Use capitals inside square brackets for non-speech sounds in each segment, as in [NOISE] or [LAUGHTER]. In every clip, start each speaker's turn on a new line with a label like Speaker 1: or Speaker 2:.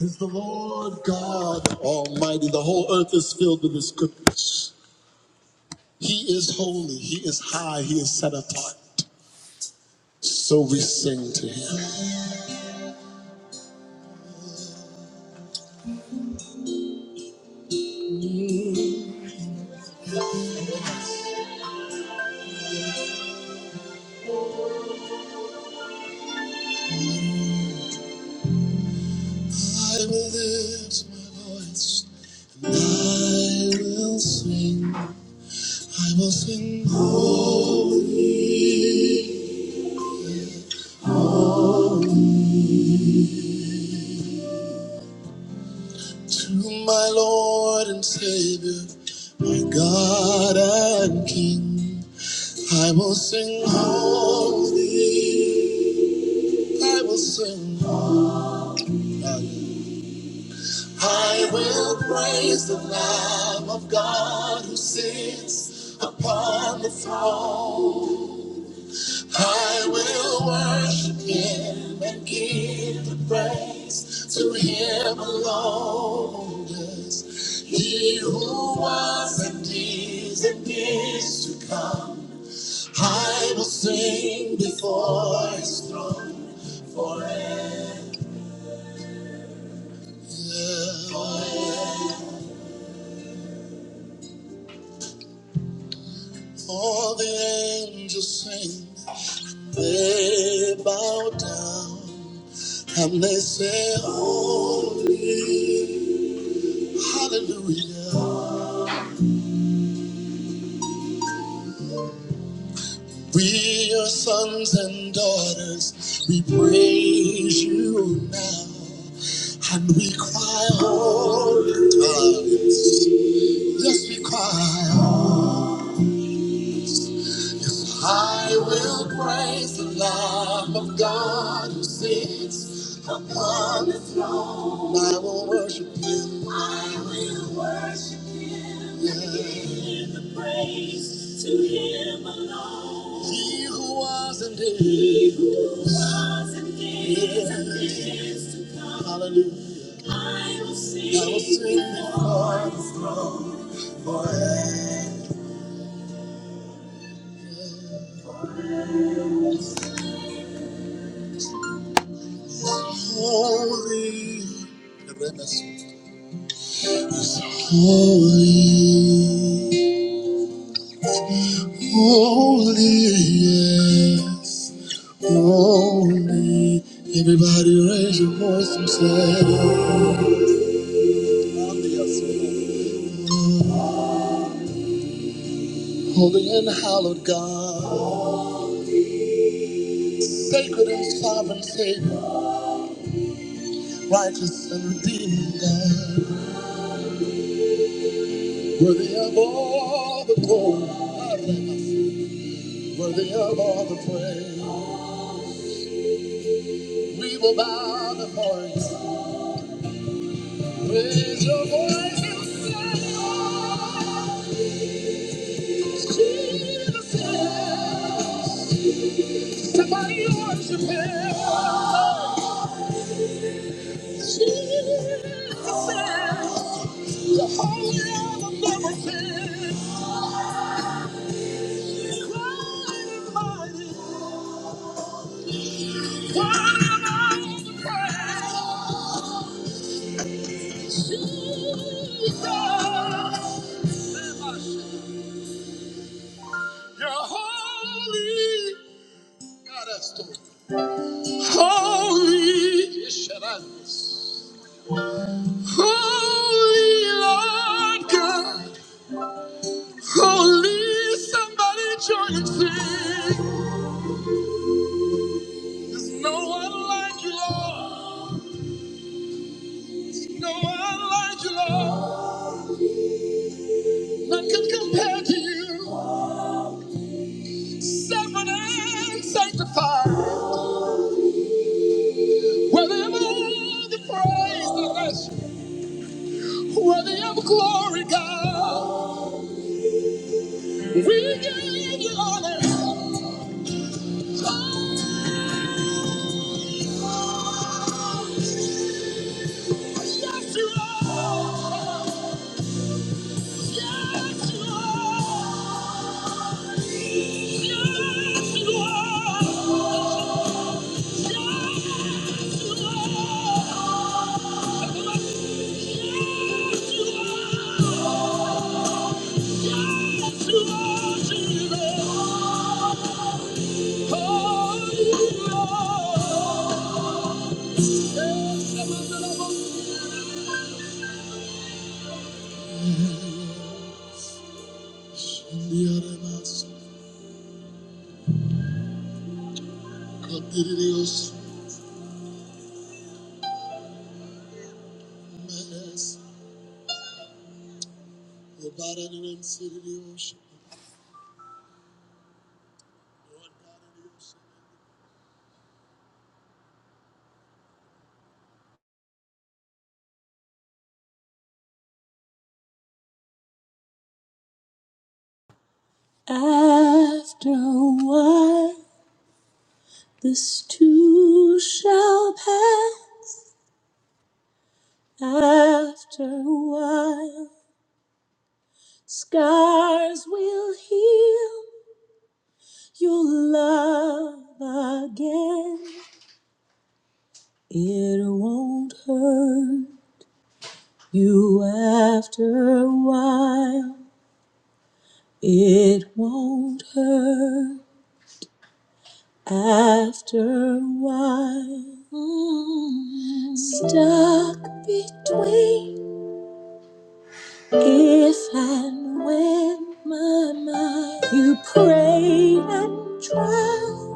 Speaker 1: is the Lord God Almighty. The whole earth is filled with His goodness. He is holy, He is high, He is set apart. So we sing to Him. I will lift my voice, and I will sing. I will sing holy to my Lord and Savior, my God and King. I will sing holy. I will sing. on. I will praise the Lamb of God who sits upon the throne. I will worship him and give the praise to him alone. Yes, he who was and is and is to come. I will sing before his throne forever. Forever. All the angels sing, they bow down and they say, Holy, Hallelujah. We are sons and daughters, we praise you now. And we cry, Holy, yes, we cry. I will praise the Lamb of God who sits upon the I will worship him. I will worship him. Yeah. Give the praise to him alone. He who was and is. He who was and is and is to come. Hallelujah. I will sing. I will sing with the voice of Holy. Holy. Holy, yes, holy. Everybody raise your voice and say, Holy and hallowed God, sacred and sovereign Savior, righteous and redeeming God, worthy of all the glory, worthy of all the praise. We will bow before you. Raise your voice and sing. You're holy. God, that's the word. Holy. Yes, shut up. Holy Lord God. Holy, somebody join and sing. There's no one like you, Lord. There's No one like you, Lord. None can compare to you. Sovereign and sanctified. Worthy of all the praise, the worship. Worthy of glory, God. We give you honor. Yes, you are. Yes, you are. Yes, you are. Worship her. Scars will heal You'll love again. It won't hurt you after a while. It won't hurt after a while. Mm. Stuck between if and when, my mind. You prayed and tried.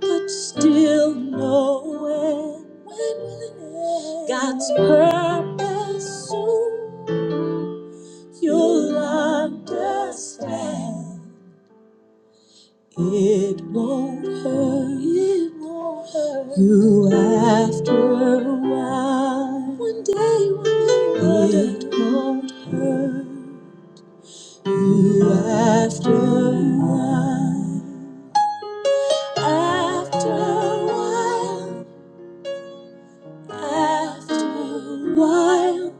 Speaker 1: but still know when God's purpose soon you'll understand. It won't hurt. It won't hurt you after a while. One day when you it wonder. won't hurt you after a while. After a while. After a while.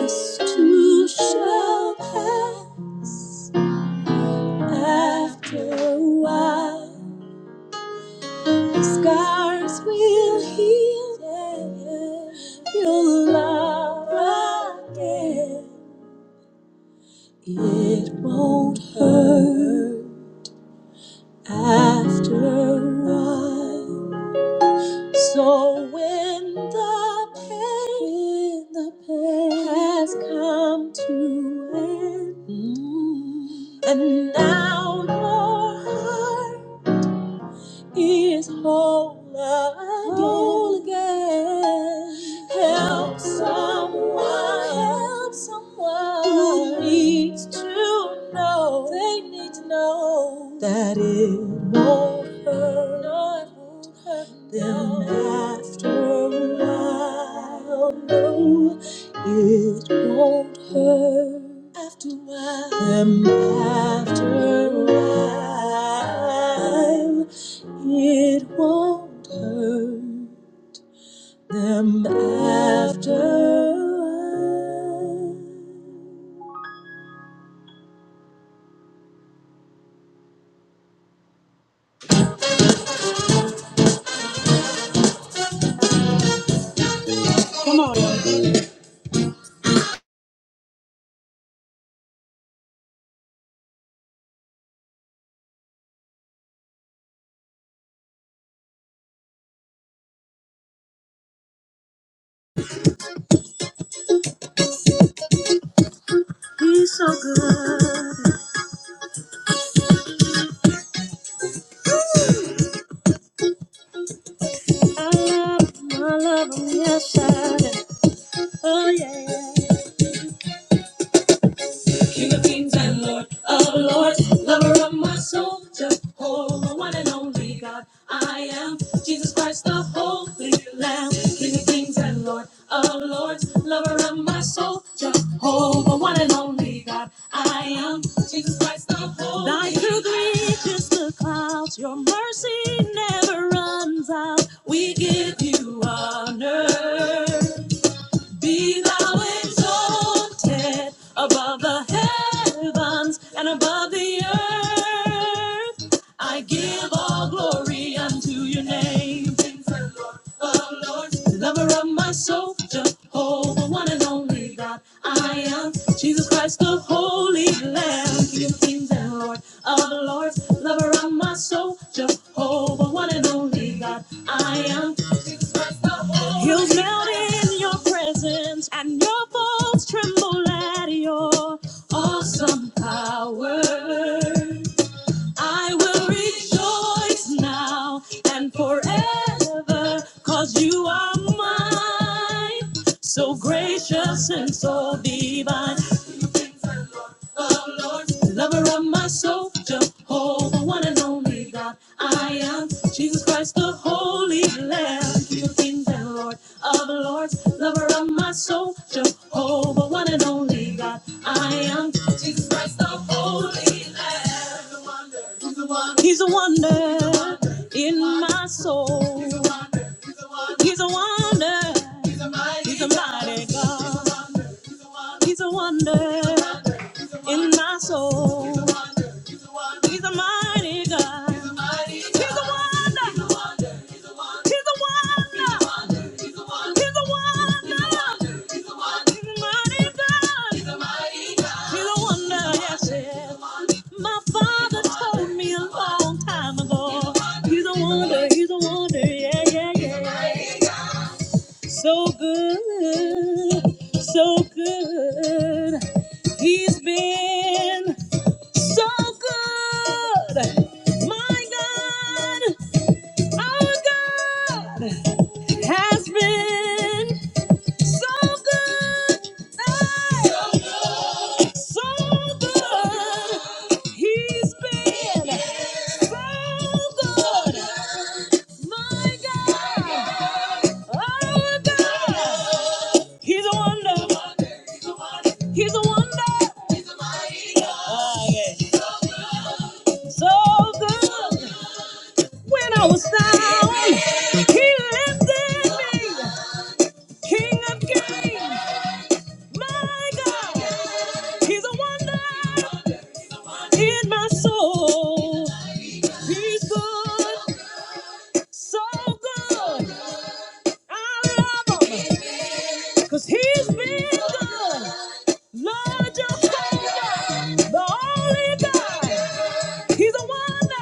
Speaker 1: This too shall pass after a while. the Scars will heal. Yeah. You'll love again. It won't hurt after a while. So when the pain, when the pain has come to an end, mm. and now your heart he is whole again. Whole again. Help someone. Help someone who needs to know. They need to know that it won't hurt. No, it won't hurt them no. after a while. It won't hurt after a while. After a while, it won't hurt them after a while. My love, I'm shining. Oh yeah. King of kings and Lord of lords, lover of my soul, Jehovah, one and only God. I am Jesus Christ, the Holy Lamb, King of kings and Lord of lords, lover of my soul, Jehovah, one and only God. I am Jesus Christ, the Holy Lamb. Thy truth reaches the clouds, your mercy never runs out. We give you honor. Be thou exalted above the heavens and above the earth. I give all glory unto your name. The Lord, lover of my soul, Jehovah, one and only God. I am Jesus Christ, the Holy Lamb, King of kings and Lord of lords, lover of my soul, Jehovah, one and only God. I am. You melt in your presence, and your bones tremble at your awesome power. I will rejoice now and forever, cause you are mine, so gracious and so divine. Lover of my soul, Jehovah, one and only God. I am Jesus Christ, the Holy Lamb, King of kings and Lord of lords. Lover of my soul, Jehovah, one and only God. I am Jesus Christ, the Holy Lamb. He's a wonder in my soul. He's a wonder. He's a mighty God. He's a wonder in my soul. He's a mighty God. He's a mighty He's a wonder. He's a wonder. He's a wonder. He's a wonder. He's a wonder. He's a wonder. He's a mighty God. He's a mighty God. He's a wonder. Yes, yes. My father told me a long time ago. He's a wonder. He's a wonder. Yeah, yeah, yeah. So good. So good. He's been so good. My God, our God has been so good. Hey, so good. He's been so good. My God, our God, He's a wonder. He's a wonder. So good. When I was down, he lifted me. King of kings, my God, he's a wonder in my soul. He's good, so good. I love him, cause he's been good. Lord, Jehovah, the only God. He's a wonder,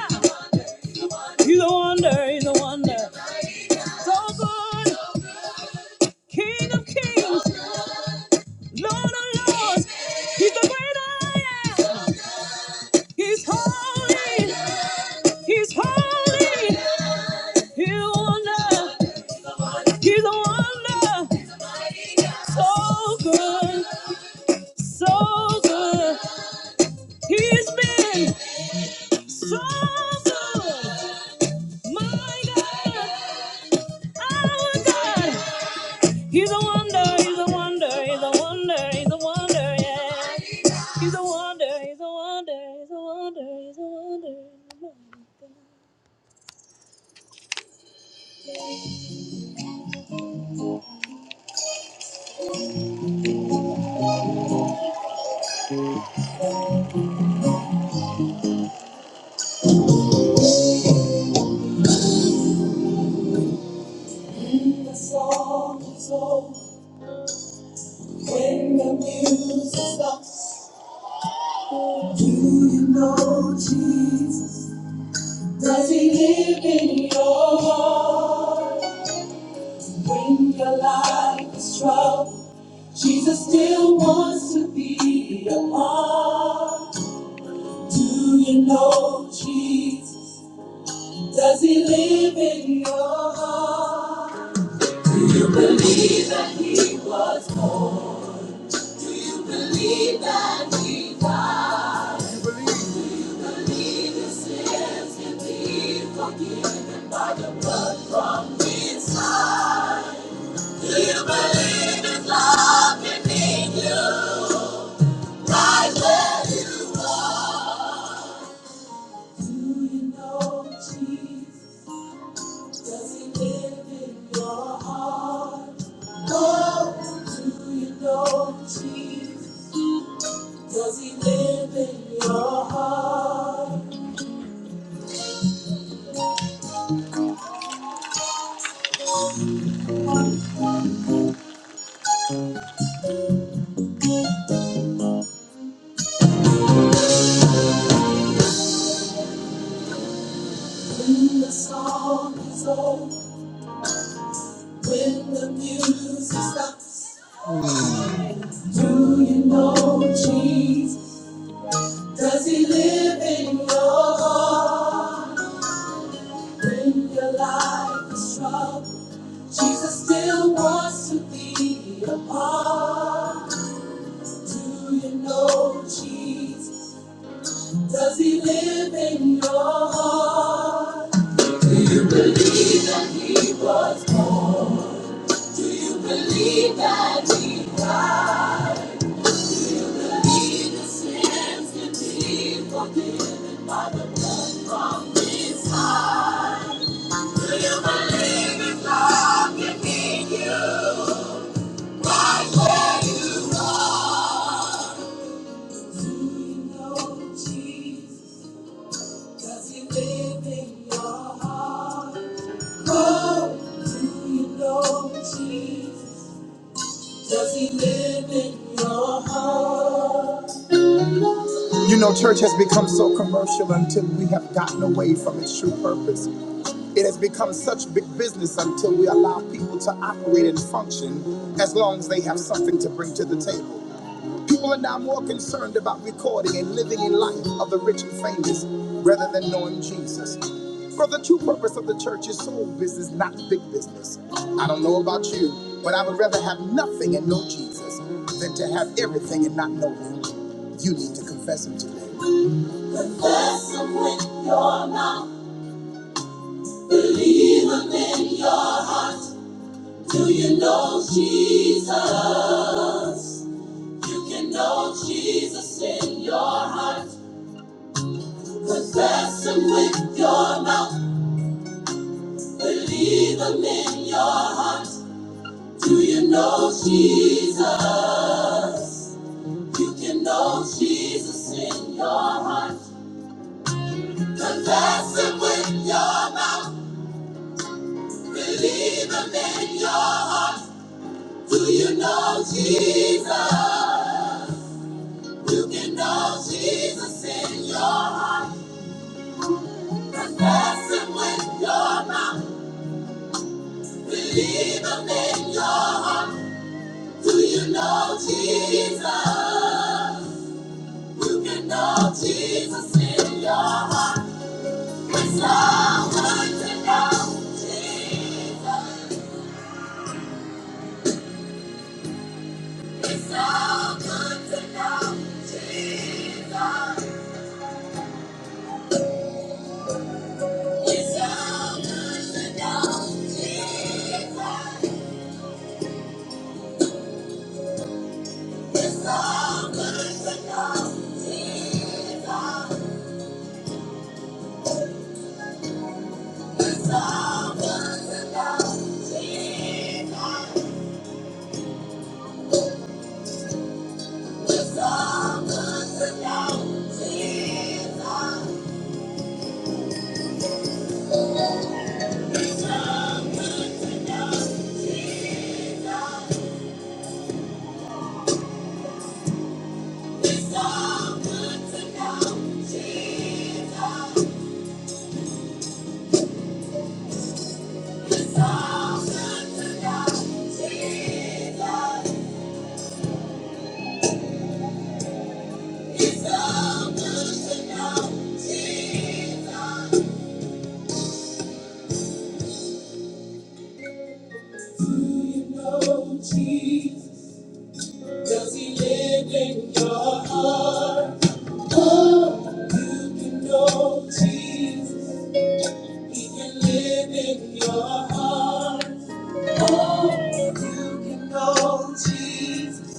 Speaker 1: he's a wonder, he's a wonder. So good, King of kings. Lord of Lords, He's the great I am. He's holy. He's holy. He's a wonder. He's a wonder. So good. So good. He's been so good. My God. Our God. He's a wonder, he's a wonder, he's a wonder, he's a wonder, yeah. He's a wonder, he's a wonder, he's a wonder, he's a wonder. When The song is over when the music stops. Do you know Jesus? Does he live in your heart? When your life is troubled, Jesus still wants to be a part. Do you know Jesus? Does he live in your heart? Do you believe that he was born? Do you believe that he died? Believe your sins can be forgiven by the blood from his side. Do you believe his love can make you right where you are? Do you know Jesus? Does he live in your heart? Oh, do you know Jesus? Does he live in your heart? When the song is over, when the music stops, do you know Jesus? Does he live in your heart? When your life is troubled, Jesus still wants to be a part. Do you know Jesus? Does he live in your heart? Do you believe that he was born? Do you believe that he died? Believe the sins can be forgiven by the blood from his side. Do you believe in God can meet you right where you are? Do you know Jesus? Does he live in your heart? Do you know Jesus? Does he live in your heart? You know, church has become so commercial until we have gotten away from its true purpose. It has become such big business until we allow people to operate and function as long as they have something to bring to the table. People are now more concerned about recording and living in life of the rich and famous rather than knowing Jesus. For the true purpose of the church is soul business, not big business. I don't know about you, but I would rather have nothing and know Jesus than to have everything and not know him. You need to confess him today. Confess him with your mouth, believe him in your Do you know Jesus? You can know Jesus in your heart. Confess them with your mouth, believe them in your heart. Do you know Jesus? You can know Jesus in your heart. Confess them with your mouth, believe them in your heart. Do you know Jesus? You can know Jesus in your heart. Confess them with your mouth, believe them in your heart. Do you know Jesus? You can know Jesus in your heart. It's so good to know Jesus. It's so good to know Jesus. It's so good to know Jesus. It's so good to know Jesus. It's so good to know Jesus. It's so good to know Jesus. Does he live in your heart? Oh, you know Jesus, he can live in your heart. You know Jesus,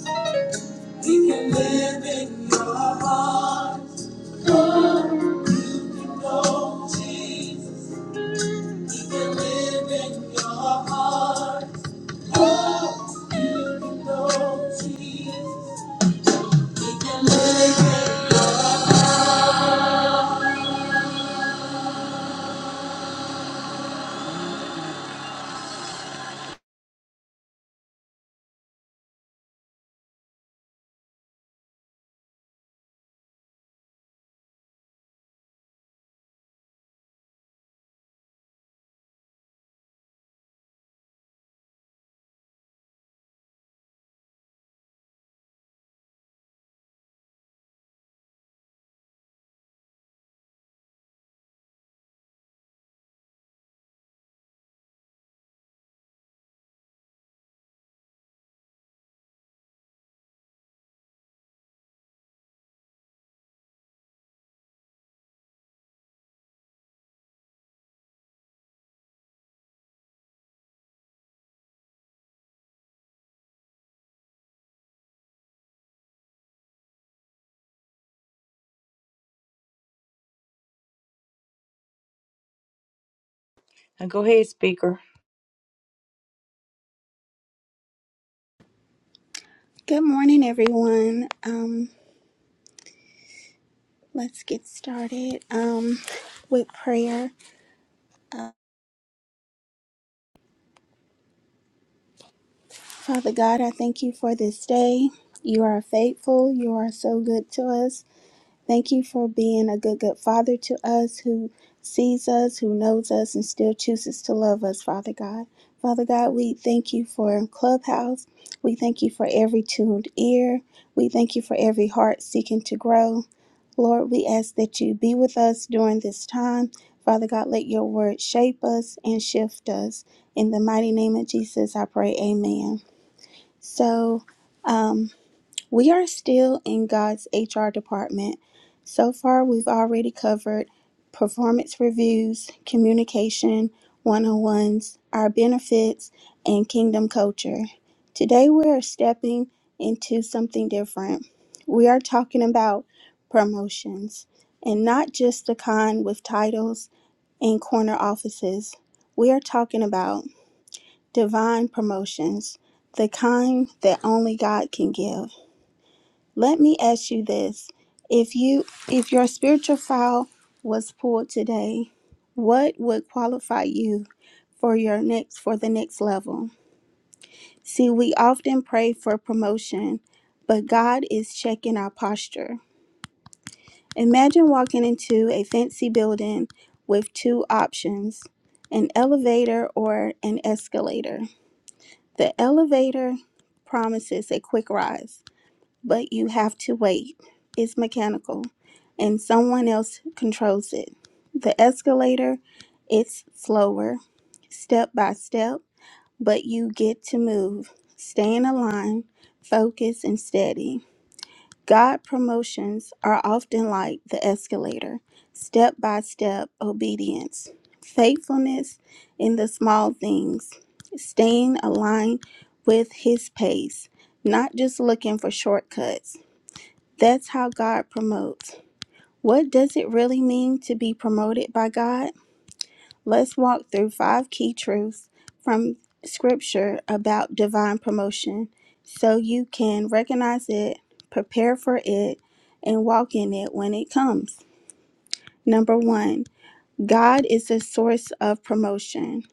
Speaker 1: He can live in your heart. Oh, you can know Jesus, He can live in your heart. Oh, you can know Jesus, He can live. Now go ahead, speaker.
Speaker 2: Good morning, everyone. Um, let's get started um, with prayer. Uh, Father God, I thank you for this day. You are faithful. You are so good to us. Thank you for being a good, good Father to us who sees us, who knows us, and still chooses to love us, Father God. Father God, we thank you for Clubhouse. We thank you for every tuned ear. We thank you for every heart seeking to grow. Lord, we ask that you be with us during this time. Father God, let your word shape us and shift us. In the mighty name of Jesus, I pray, amen. So, um. We are still in God's HR department. So far, we've already covered performance reviews, communication, one on ones, our benefits, and kingdom culture. Today, we are stepping into something different. We are talking about promotions and not just the kind with titles and corner offices. We are talking about divine promotions, the kind that only God can give. Let me ask you this. If you if your spiritual file was pulled today, what would qualify you for your next for the next level? See, we often pray for promotion, but God is checking our posture. Imagine walking into a fancy building with two options, an elevator or an escalator. The elevator promises a quick rise but you have to wait. It's mechanical, and someone else controls it. The escalator, it's slower, step by step, but you get to move. Stay in a line, focus, and steady. God promotions are often like the escalator step by step obedience, faithfulness in the small things, staying aligned with His pace, not just looking for shortcuts. That's how God promotes. What does it really mean to be promoted by God? Let's walk through five key truths from Scripture about divine promotion so you can recognize it, prepare for it, and walk in it when it comes. Number one, God is the source of promotion.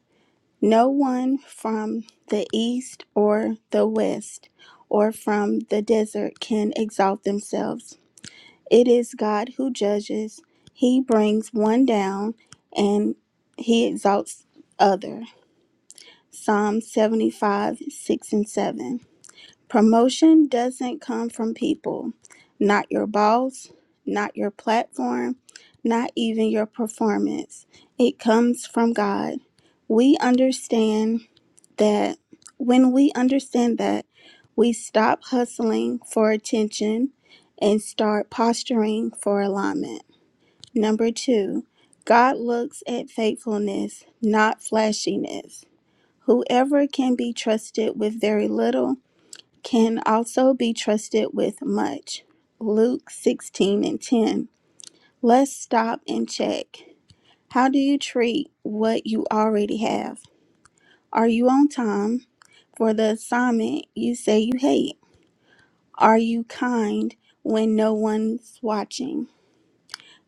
Speaker 2: No one from the east or the west or from the desert can exalt themselves It is God who judges. He brings one down and he exalts other. Psalm 75, 6 and 7. Promotion doesn't come from people, not your boss, not your platform, not even your performance. It comes from God. We understand that when we understand that, we stop hustling for attention and start posturing for alignment. Number two, God looks at faithfulness, not flashiness. Whoever can be trusted with very little can also be trusted with much. Luke 16 and 10. Let's stop and check. How do you treat what you already have? Are you on time for the assignment you say you hate? Are you kind when no one's watching?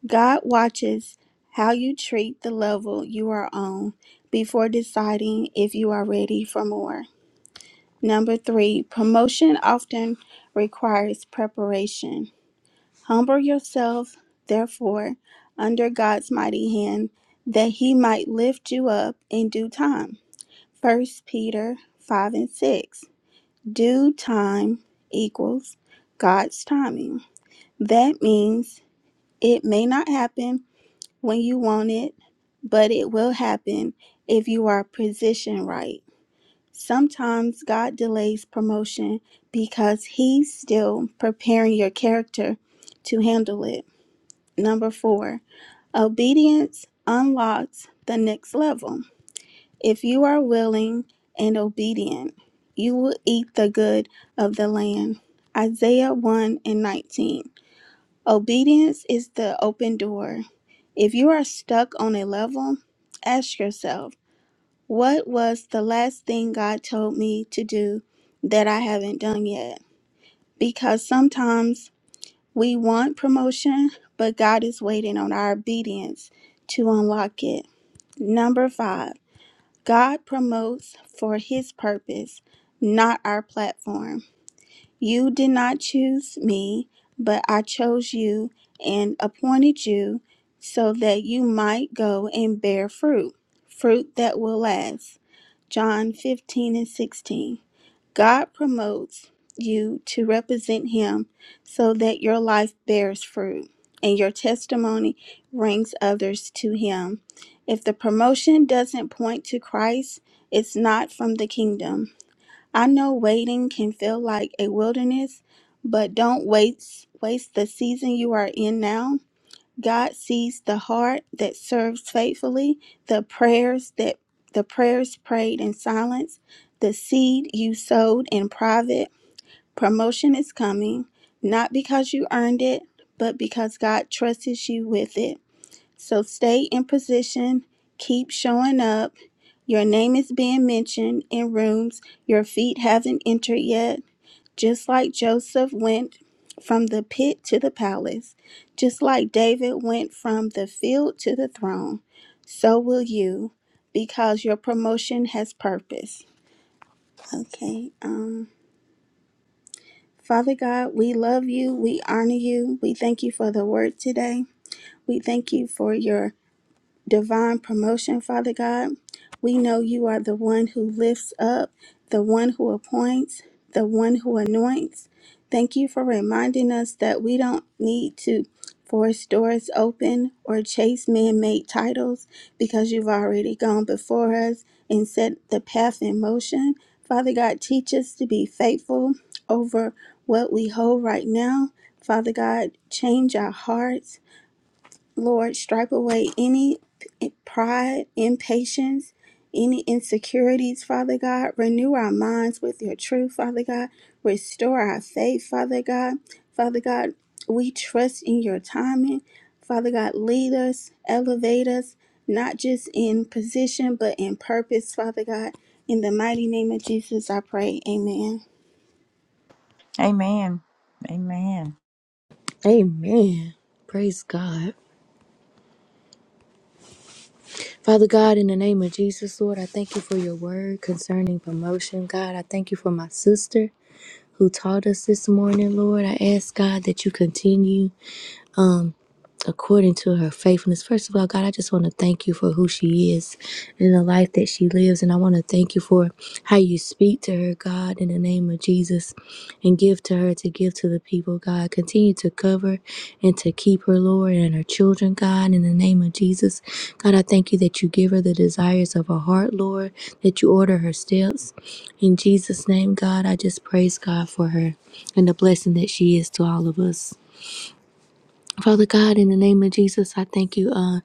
Speaker 2: God watches how you treat the level you are on before deciding if you are ready for more. Number three, promotion often requires preparation. Humble yourself, therefore, under God's mighty hand, that he might lift you up in due time. First Peter 5 and 6. Due time equals God's timing. That means it may not happen when you want it, but it will happen if you are positioned right. Sometimes God delays promotion because He's still preparing your character to handle it. Number four, obedience unlocks the next level. If you are willing and obedient, you will eat the good of the land. Isaiah 1 and 19. Obedience is the open door. If you are stuck on a level, ask yourself, what was the last thing God told me to do that I haven't done yet? Because sometimes we want promotion, but God is waiting on our obedience to unlock it. Number five, God promotes for his purpose, not our platform. You did not choose me, but I chose you and appointed you so that you might go and bear fruit, fruit that will last. John 15 and 16. God promotes you to represent Him so that your life bears fruit and your testimony brings others to Him. If the promotion doesn't point to Christ, it's not from the kingdom. I know waiting can feel like a wilderness, but don't waste waste the season you are in now. God sees the heart that serves faithfully, the prayers that the prayers prayed in silence, the seed you sowed in private. Promotion is coming, not because you earned it, but because God trusts you with it. So stay in position, keep showing up. Your name is being mentioned in rooms your feet haven't entered yet, just like Joseph went from the pit to the palace, just like David went from the field to the throne. So will you, because your promotion has purpose. Okay, um, Father God, we love you, we honor you, we thank you for the word today. We thank you for your divine promotion, Father God. We know you are the one who lifts up, the one who appoints, the one who anoints. Thank you for reminding us that we don't need to force doors open or chase man made titles because you've already gone before us and set the path in motion. Father God, teach us to be faithful over what we hold right now. Father God, change our hearts Lord, stripe away any p- pride, impatience, any insecurities, Father God. Renew our minds with your truth, Father God. Restore our faith, Father God. Father God, we trust in your timing. Father God, lead us, elevate us, not just in position, but in purpose, Father God. In the mighty name of Jesus, I pray. Amen.
Speaker 1: Amen. Amen.
Speaker 3: Amen. Praise God. Father God, in the name of Jesus, Lord, I thank you for your word concerning promotion. God, I thank you for my sister who taught us this morning, Lord. I ask God that you continue. according to her faithfulness. First of all, God, I just want to thank you for who she is and the life that she lives. And I want to thank you for how you speak to her, God, in the name of Jesus, and give to her to give to the people, God. Continue to cover and to keep her, Lord, and her children, God, in the name of Jesus. God, I thank you that you give her the desires of her heart, Lord, that you order her steps. In Jesus' name, God, I just praise God for her and the blessing that she is to all of us. Father God, in the name of Jesus, I thank you uh,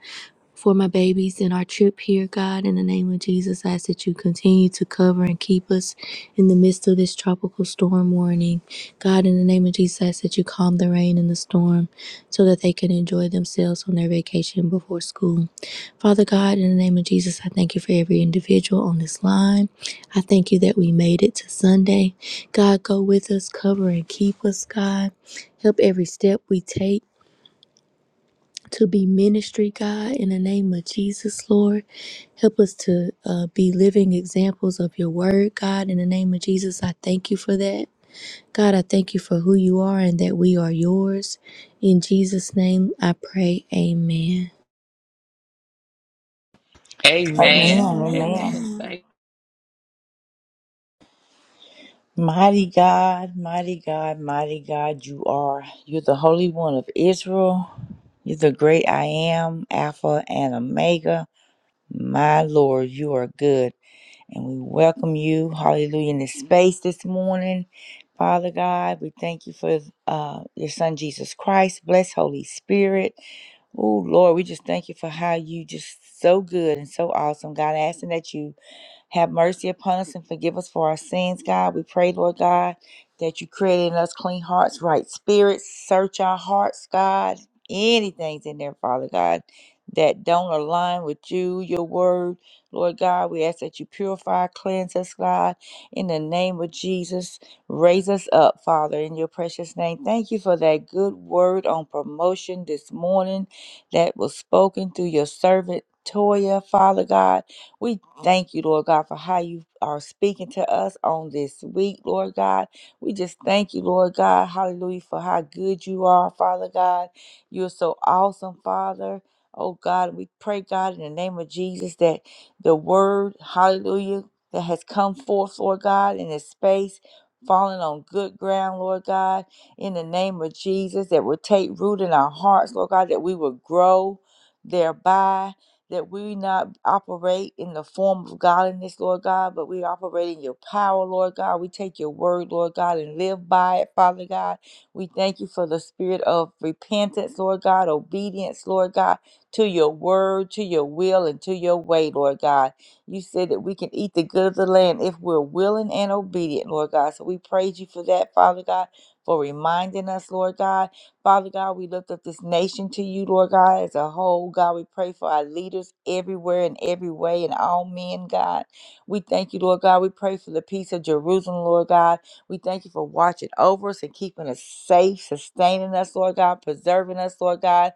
Speaker 3: for my babies and our trip here, God. In the name of Jesus, I ask that you continue to cover and keep us in the midst of this tropical storm warning. God, in the name of Jesus, I ask that you calm the rain and the storm so that they can enjoy themselves on their vacation before school. Father God, in the name of Jesus, I thank you for every individual on this line. I thank you that we made it to Sunday. God, go with us, cover and keep us, God. Help every step we take to be ministry, God, in the name of Jesus, Lord. Help us to uh, be living examples of your word, God, in the name of Jesus. I thank you for that. God, I thank you for who you are and that we are yours. In Jesus' name, I pray. Amen.
Speaker 2: Amen.
Speaker 1: Amen.
Speaker 4: Amen.
Speaker 1: Amen.
Speaker 4: Amen.
Speaker 2: Amen.
Speaker 4: Thank.
Speaker 1: Mighty God, mighty God, mighty God, you are. You're the Holy One of Israel. You're the great I am, Alpha and Omega. My Lord, you are good. And we welcome you, hallelujah, in this space this morning. Father God, we thank you for uh, your son Jesus Christ. Bless Holy Spirit. Oh, Lord, we just thank you for how you just so good and so awesome. God, asking that you have mercy upon us and forgive us for our sins, God. We pray, Lord God, that you create in us clean hearts, right spirits. Search our hearts, God. Anything's in there, Father God, that don't align with you, your word. Lord God, we ask that you purify, cleanse us, God, in the name of Jesus. Raise us up, Father, in your precious name. Thank you for that good word on promotion this morning that was spoken through your servant Toya, Father God. We thank you, Lord God, for how you are speaking to us on this week, Lord God. We just thank you, Lord God. Hallelujah, for how good you are, Father God. You're so awesome, Father. Oh God, we pray, God, in the name of Jesus, that the word, hallelujah, that has come forth, Lord God, in this space, falling on good ground, Lord God, in the name of Jesus, that will take root in our hearts, Lord God, that we will grow thereby that we not operate in the form of godliness, Lord God, but we operate in your power, Lord God. We take your word, Lord God, and live by it, Father God. We thank you for the spirit of repentance, Lord God, obedience, Lord God, to your word, to your will, and to your way, Lord God. You said that we can eat the good of the land if we're willing and obedient, Lord God. So we praise you for that, Father God, for reminding us, Lord God. Father God, we lift up this nation to you, Lord God, as a whole. God, we pray for our leaders everywhere and every way and all men, God. We thank you, Lord God. We pray for the peace of Jerusalem, Lord God. We thank you for watching over us and keeping us safe, sustaining us, Lord God, preserving us, Lord God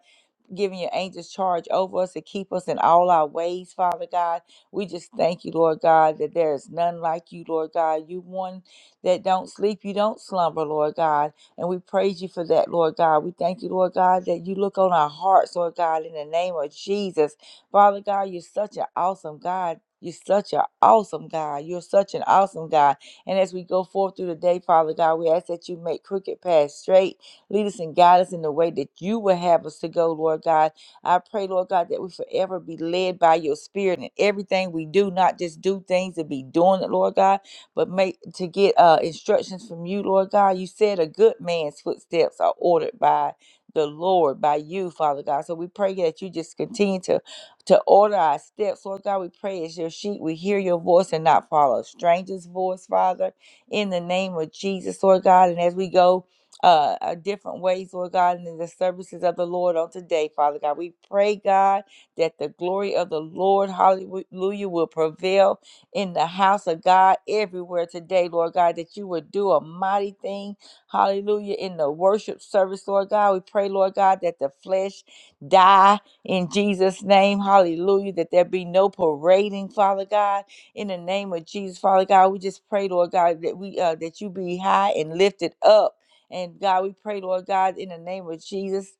Speaker 1: giving your angels charge over us to keep us in all our ways, Father God. We just thank you, Lord God, that there is none like you, Lord God. You one that don't sleep, you don't slumber, Lord God. And we praise you for that, Lord God. We thank you, Lord God, that you look on our hearts, Lord God, in the name of Jesus. Father God, you're such an awesome God. You're such an awesome God. You're such an awesome God. And as we go forth through the day, Father God, we ask that you make crooked paths straight Lead us and guide us in the way that you will have us to go, Lord God. I pray, Lord God, that we forever be led by your spirit in everything we do, not just do things and be doing it, Lord God, but make to get uh, instructions from you, Lord God. You said a good man's footsteps are ordered by the Lord, by you, Father God. So we pray that you just continue to to order our steps, Lord God. We pray as your sheep, we hear your voice and not follow a stranger's voice, Father. In the name of Jesus, Lord God, and as we go uh, uh, different ways, Lord God, and in the services of the Lord on today, Father God. We pray, God, that the glory of the Lord, hallelujah, will prevail in the house of God everywhere today, Lord God, that you would do a mighty thing, hallelujah, in the worship service, Lord God. We pray, Lord God, that the flesh die in Jesus' name, hallelujah, that there be no parading, Father God, in the name of Jesus, Father God. We just pray, Lord God, that we uh, that you be high and lifted up. And God, we pray, Lord God, in the name of Jesus,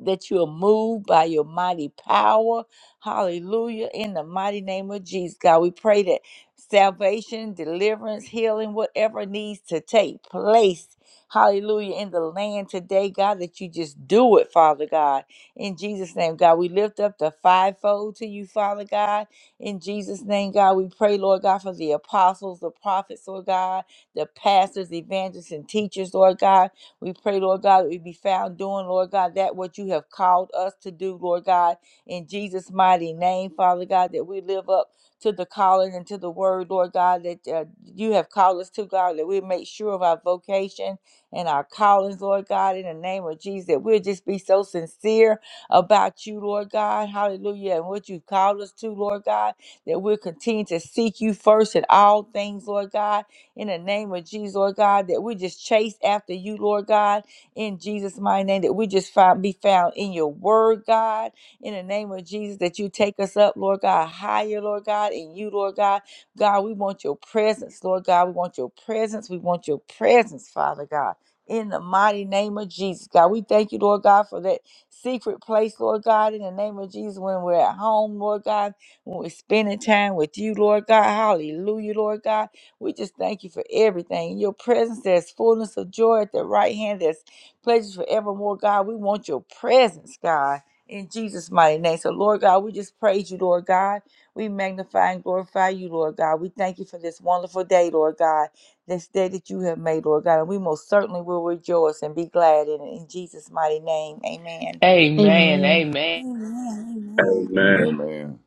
Speaker 1: that you are moved by your mighty power. Hallelujah. In the mighty name of Jesus, God, we pray that salvation, deliverance, healing, whatever needs to take place. Hallelujah. In the land today, God, that you just do it, Father God. In Jesus' name, God, we lift up the fivefold to you, Father God. In Jesus' name, God, we pray, Lord God, for the apostles, the prophets, Lord God, the pastors, evangelists, and teachers, Lord God. We pray, Lord God, that we be found doing, Lord God, that what you have called us to do, Lord God, in Jesus' mighty name, Father God, that we live up to the calling and to the word, Lord God, that uh, you have called us to, God, that we make sure of our vocation and our callings, Lord God, in the name of Jesus, that we'll just be so sincere about you, Lord God, hallelujah, and what you've called us to, Lord God, that we'll continue to seek you first in all things, Lord God, in the name of Jesus, Lord God, that we just chase after you, Lord God, in Jesus' mighty name, that we just find, be found in your word, God, in the name of Jesus, that you take us up, Lord God, higher, Lord God, in you, Lord God. God, we want your presence, Lord God. We want your presence. We want your presence, Father God. In the mighty name of Jesus, God, we thank you, Lord God, for that secret place, Lord God. In the name of Jesus, when we're at home, Lord God, when we're spending time with you, Lord God, hallelujah, Lord God. We just thank you for everything. In Your presence, there's fullness of joy at the right hand, there's pleasures forevermore, God. We want your presence, God, in Jesus' mighty name. So, Lord God, we just praise you, Lord God. We magnify and glorify you, Lord God. We thank you for this wonderful day, Lord God, this day that you have made, Lord God. And we most certainly will rejoice and be glad in it. In Jesus' mighty name, amen.
Speaker 4: Amen.
Speaker 3: Amen.
Speaker 4: Amen.
Speaker 2: Amen. Amen.
Speaker 5: Amen.
Speaker 6: Amen.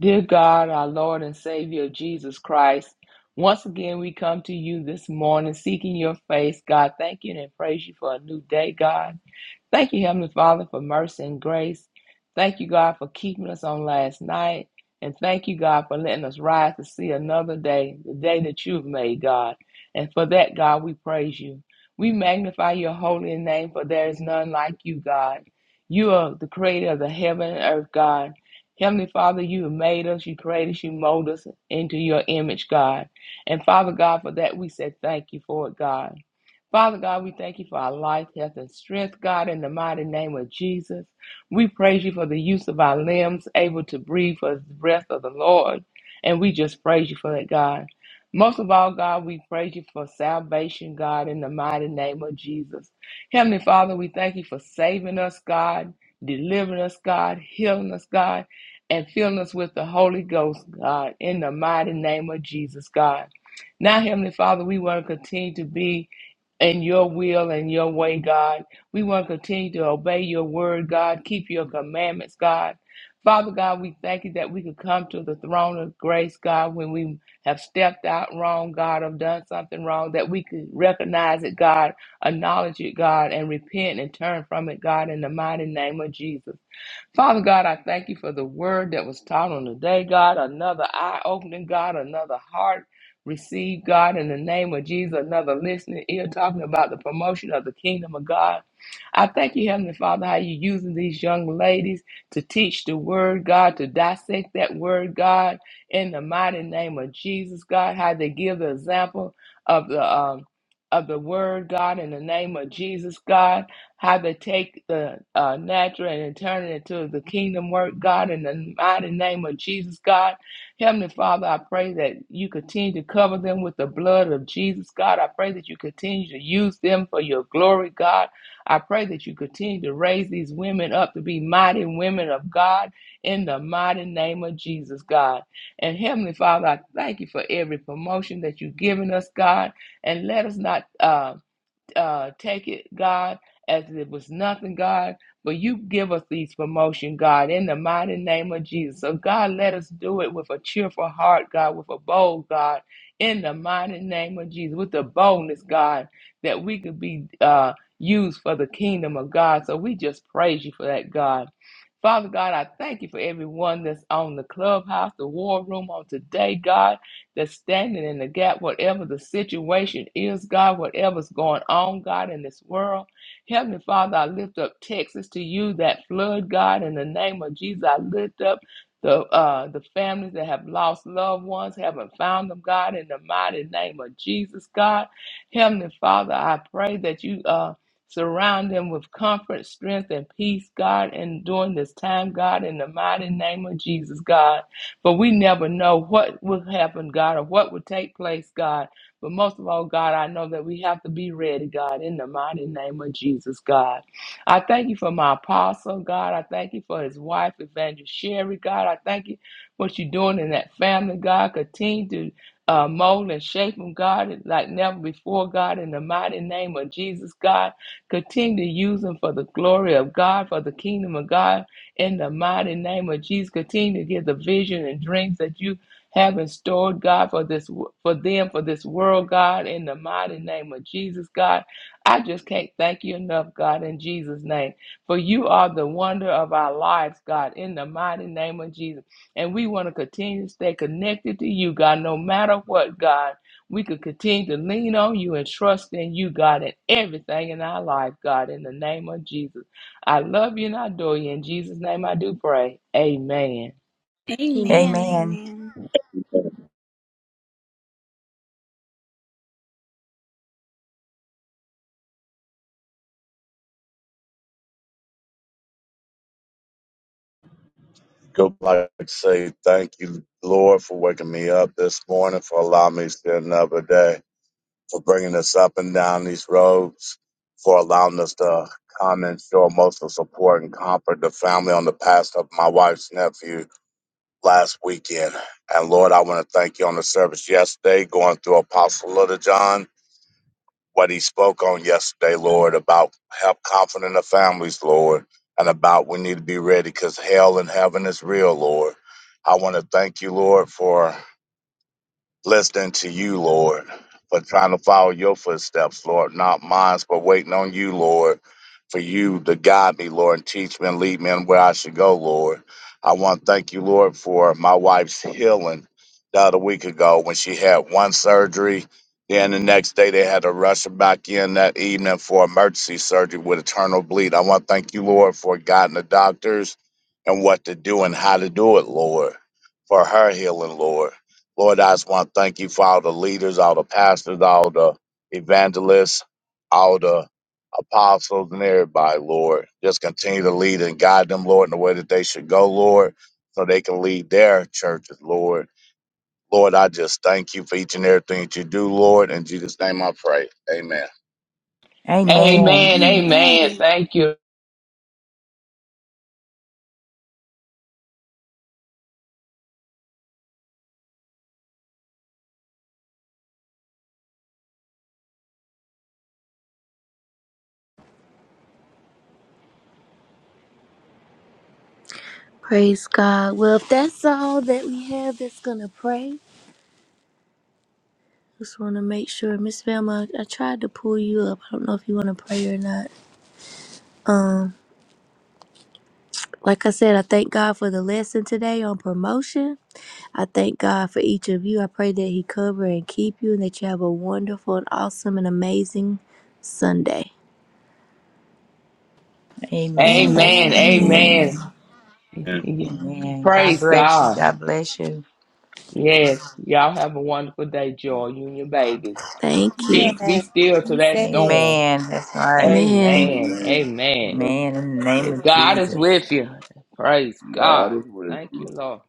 Speaker 4: Dear God, our Lord and Savior Jesus Christ, once again we come to you this morning seeking your face. God, thank you and praise you for a new day, God. Thank you, Heavenly Father, for mercy and grace. Thank you, God, for keeping us on last night. And thank you, God, for letting us rise to see another day, the day that you've made, God. And for that, God, we praise you. We magnify your holy name, for there is none like you, God. You are the creator of the heaven and earth, God. Heavenly Father, you have made us, you created us, you molded us into your image, God. And Father God, for that we say thank you for it, God. Father God, we thank you for our life, health, and strength, God, in the mighty name of Jesus. We praise you for the use of our limbs, able to breathe for the breath of the Lord. And we just praise you for that, God. Most of all, God, we praise you for salvation, God, in the mighty name of Jesus. Heavenly Father, we thank you for saving us, God, delivering us, God, healing us, God, and filling us with the Holy Ghost, God, in the mighty name of Jesus, God. Now, Heavenly Father, we want to continue to be and your will and your way, God. We want to continue to obey your word, God. Keep your commandments, God. Father God, we thank you that we could come to the throne of grace, God, when we have stepped out wrong, God, or done something wrong, that we could recognize it, God, acknowledge it, God, and repent and turn from it, God, in the mighty name of Jesus. Father God, I thank you for the word that was taught on the day. God. Another eye opening, God. Another heart received, God, in the name of Jesus. Another listening ear talking about the promotion of the kingdom of God. I thank you, Heavenly Father, how you using these young ladies to teach the word, God, to dissect that word, God, in the mighty name of Jesus, God. How they give the example of the um, of the word, God, in the name of Jesus, God how to take the uh, natural and turn it into the kingdom work, God, in the mighty name of Jesus, God. Heavenly Father, I pray that you continue to cover them with the blood of Jesus, God. I pray that you continue to use them for your glory, God. I pray that you continue to raise these women up to be mighty women of God in the mighty name of Jesus, God. And Heavenly Father, I thank you for every promotion that you've given us, God. And let us not. Um, uh, take it, God, as it was nothing, God. But you give us these promotion, God, in the mighty name of Jesus. So, God, let us do it with a cheerful heart, God, with a bold God, in the mighty name of Jesus, with the boldness, God, that we could be uh, used for the kingdom of God. So, we just praise you for that, God. Father God, I thank you for everyone that's on the clubhouse, the war room on today, God that's standing in the gap, whatever the situation is, God, whatever's going on, God, in this world. Heavenly Father, I lift up Texas to you, that flood, God, in the name of Jesus. I lift up the uh, the families that have lost loved ones, haven't found them, God, in the mighty name of Jesus, God. Heavenly Father, I pray that you uh, surround them with comfort, strength, and peace, God, and during this time, God, in the mighty name of Jesus, God. But we never know what will happen, God, or what will take place, God. But most of all, God, I know that we have to be ready, God, in the mighty name of Jesus, God. I thank you for my apostle, God. I thank you for his wife, Evangelist Sherry, God. I thank you for what you're doing in that family, God. Continue to uh, mold and shape them, God, like never before, God, in the mighty name of Jesus, God. Continue to use them for the glory of God, for the kingdom of God in the mighty name of Jesus. Continue to give the vision and dreams that you have in store, God, for this for them, for this world, God, in the mighty name of Jesus, God. I just can't thank you enough, God, in Jesus' name. For you are the wonder of our lives, God, in the mighty name of Jesus. And we want to continue to stay connected to you, God, no matter what, God. We could continue to lean on you and trust in you, God, in everything in our life, God, in the name of Jesus. I love you and I adore you. In Jesus' name I do pray. Amen.
Speaker 2: Amen.
Speaker 3: Amen.
Speaker 1: Amen.
Speaker 2: Amen.
Speaker 5: Go like to say thank you, Lord, for waking me up this morning, for allowing me to see another day, for bringing us up and down these roads, for allowing us to come and show emotional support and comfort the family on the past of my wife's nephew last weekend. And Lord, I want to thank you on the service yesterday, going through Apostle Little John. what he spoke on yesterday, Lord, about help confident the families, Lord, and about we need to be ready because hell and heaven is real, Lord. I want to thank you, Lord, for Listening to you, Lord, for trying to follow your footsteps, Lord, not mine, but waiting on you, Lord, for you to guide me, Lord, and teach me and lead me in where I should go, Lord. I want to thank you, Lord, for my wife's healing the other week ago when she had one surgery. Then the next day they had to rush her back in that evening for emergency surgery with internal bleed. I want to thank you, Lord, for guiding the doctors and what to do and how to do it, Lord, for her healing, Lord. Lord, I just want to thank you for all the leaders, all the pastors, all the evangelists, all the apostles, and everybody, Lord. Just continue to lead and guide them, Lord, in the way that they should go, Lord, so they can lead their churches, Lord. Lord, I just thank you for each and everything that you do, Lord. In Jesus' name I pray. Amen.
Speaker 1: Amen.
Speaker 4: Amen.
Speaker 3: Amen.
Speaker 4: Amen. Thank you.
Speaker 3: Praise God. Well, if that's all that we have that's going to pray, just want to make sure. Miss Velma, I I tried to pull you up. I don't know if you want to pray or not. Like I said, I thank God for the lesson today on promotion. I thank God for each of you. I pray that He cover and keep you and that you have a wonderful and awesome and amazing Sunday.
Speaker 1: Amen. Thank you,
Speaker 4: Amen.
Speaker 2: Amen.
Speaker 3: Amen.
Speaker 1: Jesus.
Speaker 4: Amen. Yeah.
Speaker 1: Amen. God
Speaker 4: Praise
Speaker 2: Amen.
Speaker 1: bless you.
Speaker 4: God.
Speaker 1: God bless you.
Speaker 4: Yes. Y'all have a wonderful day, Joy, you and your babies.
Speaker 3: Thank you.
Speaker 4: Peace be
Speaker 2: Yes,
Speaker 4: still to
Speaker 2: he
Speaker 4: that
Speaker 2: says.
Speaker 4: storm.
Speaker 1: Amen. That's right.
Speaker 3: man.
Speaker 4: Amen.
Speaker 6: Amen.
Speaker 4: Amen.
Speaker 6: Bless
Speaker 1: Man, in the name
Speaker 4: If
Speaker 1: of
Speaker 4: God is
Speaker 1: Jesus.
Speaker 4: with you. Praise
Speaker 6: you. God
Speaker 4: God.
Speaker 6: is with
Speaker 4: Thank you,
Speaker 6: you.
Speaker 4: Lord.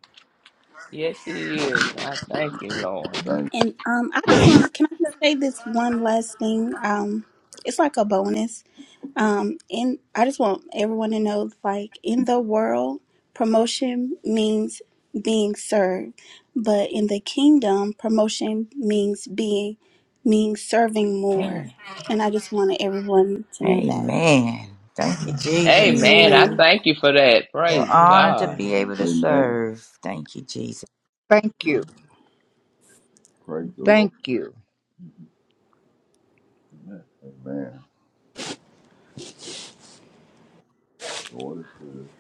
Speaker 4: Yes, He is. I thank you, Lord.
Speaker 6: Thank
Speaker 2: And um, I just want to. Can I just say this one last thing? Um, it's like a bonus. Um, and I just want everyone to know, like in the world, promotion means being served, but in the kingdom, promotion means being means serving more.
Speaker 1: Amen.
Speaker 2: And I just wanted everyone to know that.
Speaker 1: Amen. Thank you, Jesus.
Speaker 4: Amen. I
Speaker 2: Amen.
Speaker 7: Amen.
Speaker 4: thank you for that.
Speaker 1: We're
Speaker 4: Praise
Speaker 1: honored to
Speaker 4: God.
Speaker 1: be
Speaker 7: Amen.
Speaker 1: able
Speaker 6: you.
Speaker 1: to
Speaker 6: Amen.
Speaker 1: serve. Thank you, Jesus.
Speaker 8: Thank
Speaker 7: Amen.
Speaker 8: you.
Speaker 6: Praise the Lord.
Speaker 8: Thank you.
Speaker 6: Amen. The Lord is good.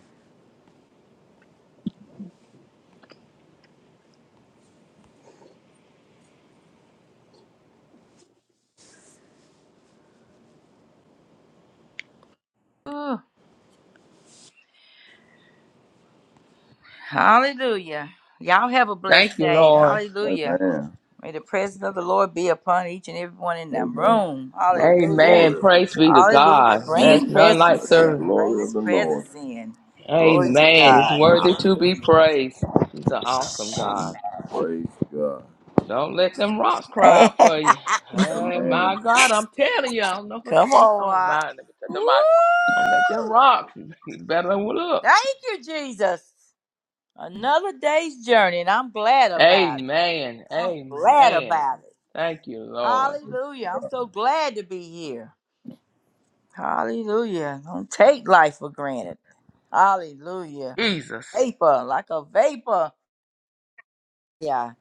Speaker 1: Hallelujah. Y'all have a
Speaker 4: Thank
Speaker 1: blessed
Speaker 4: you,
Speaker 1: day.
Speaker 4: Lord.
Speaker 1: Hallelujah.
Speaker 6: Amen.
Speaker 1: May the presence of the Lord be upon each and everyone in the
Speaker 6: Amen.
Speaker 1: room.
Speaker 6: Let the
Speaker 1: Hallelujah.
Speaker 4: Amen.
Speaker 6: glory of the
Speaker 4: Praise be
Speaker 6: Lord.
Speaker 4: to
Speaker 1: Hallelujah.
Speaker 4: God.
Speaker 1: Bring his
Speaker 4: That's
Speaker 2: Amen.
Speaker 4: none
Speaker 1: presence
Speaker 6: Let
Speaker 4: like
Speaker 6: the
Speaker 1: in.
Speaker 4: serving.
Speaker 1: Bring
Speaker 6: glory of
Speaker 1: his
Speaker 6: the Lord.
Speaker 1: presence in. Glory to
Speaker 4: Amen.
Speaker 6: Amen.
Speaker 4: It's
Speaker 1: God.
Speaker 4: worthy to be
Speaker 1: Hallelujah.
Speaker 4: praised. He's an awesome
Speaker 1: Gee.
Speaker 4: God.
Speaker 6: Praise God.
Speaker 4: Don't let them rocks cry out for you.
Speaker 1: [LAUGHS]
Speaker 4: Hey,
Speaker 6: Amen.
Speaker 4: my God, I'm telling you, I don't know what's [LAUGHS]
Speaker 1: Come
Speaker 4: going
Speaker 1: on,
Speaker 4: on.
Speaker 1: Rock.
Speaker 4: My, let me cut the
Speaker 1: Woo!
Speaker 4: mic. Don't let them rocks. [LAUGHS] You better than what
Speaker 1: Thank you, Jesus. Another day's journey, and I'm glad about it.
Speaker 4: Amen.
Speaker 1: I'm glad
Speaker 4: Amen.
Speaker 1: about it.
Speaker 4: Thank you, Lord.
Speaker 1: Hallelujah. I'm so glad to be here. Hallelujah. Don't take life for granted. Hallelujah.
Speaker 4: Jesus.
Speaker 1: Vapor, like a vapor. Yeah.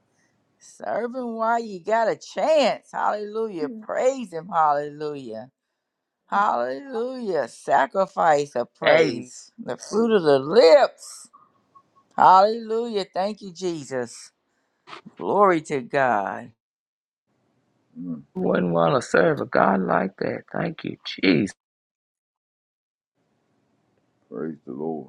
Speaker 1: Serving while you got a chance. Hallelujah. Praise Him. Hallelujah. Hallelujah. Sacrifice of
Speaker 4: Amen.
Speaker 1: praise. The fruit of the lips. Hallelujah. Thank you, Jesus. Glory to God.
Speaker 6: Mm.
Speaker 4: Wouldn't want to serve a God like that. Thank you,
Speaker 6: Praise the Lord.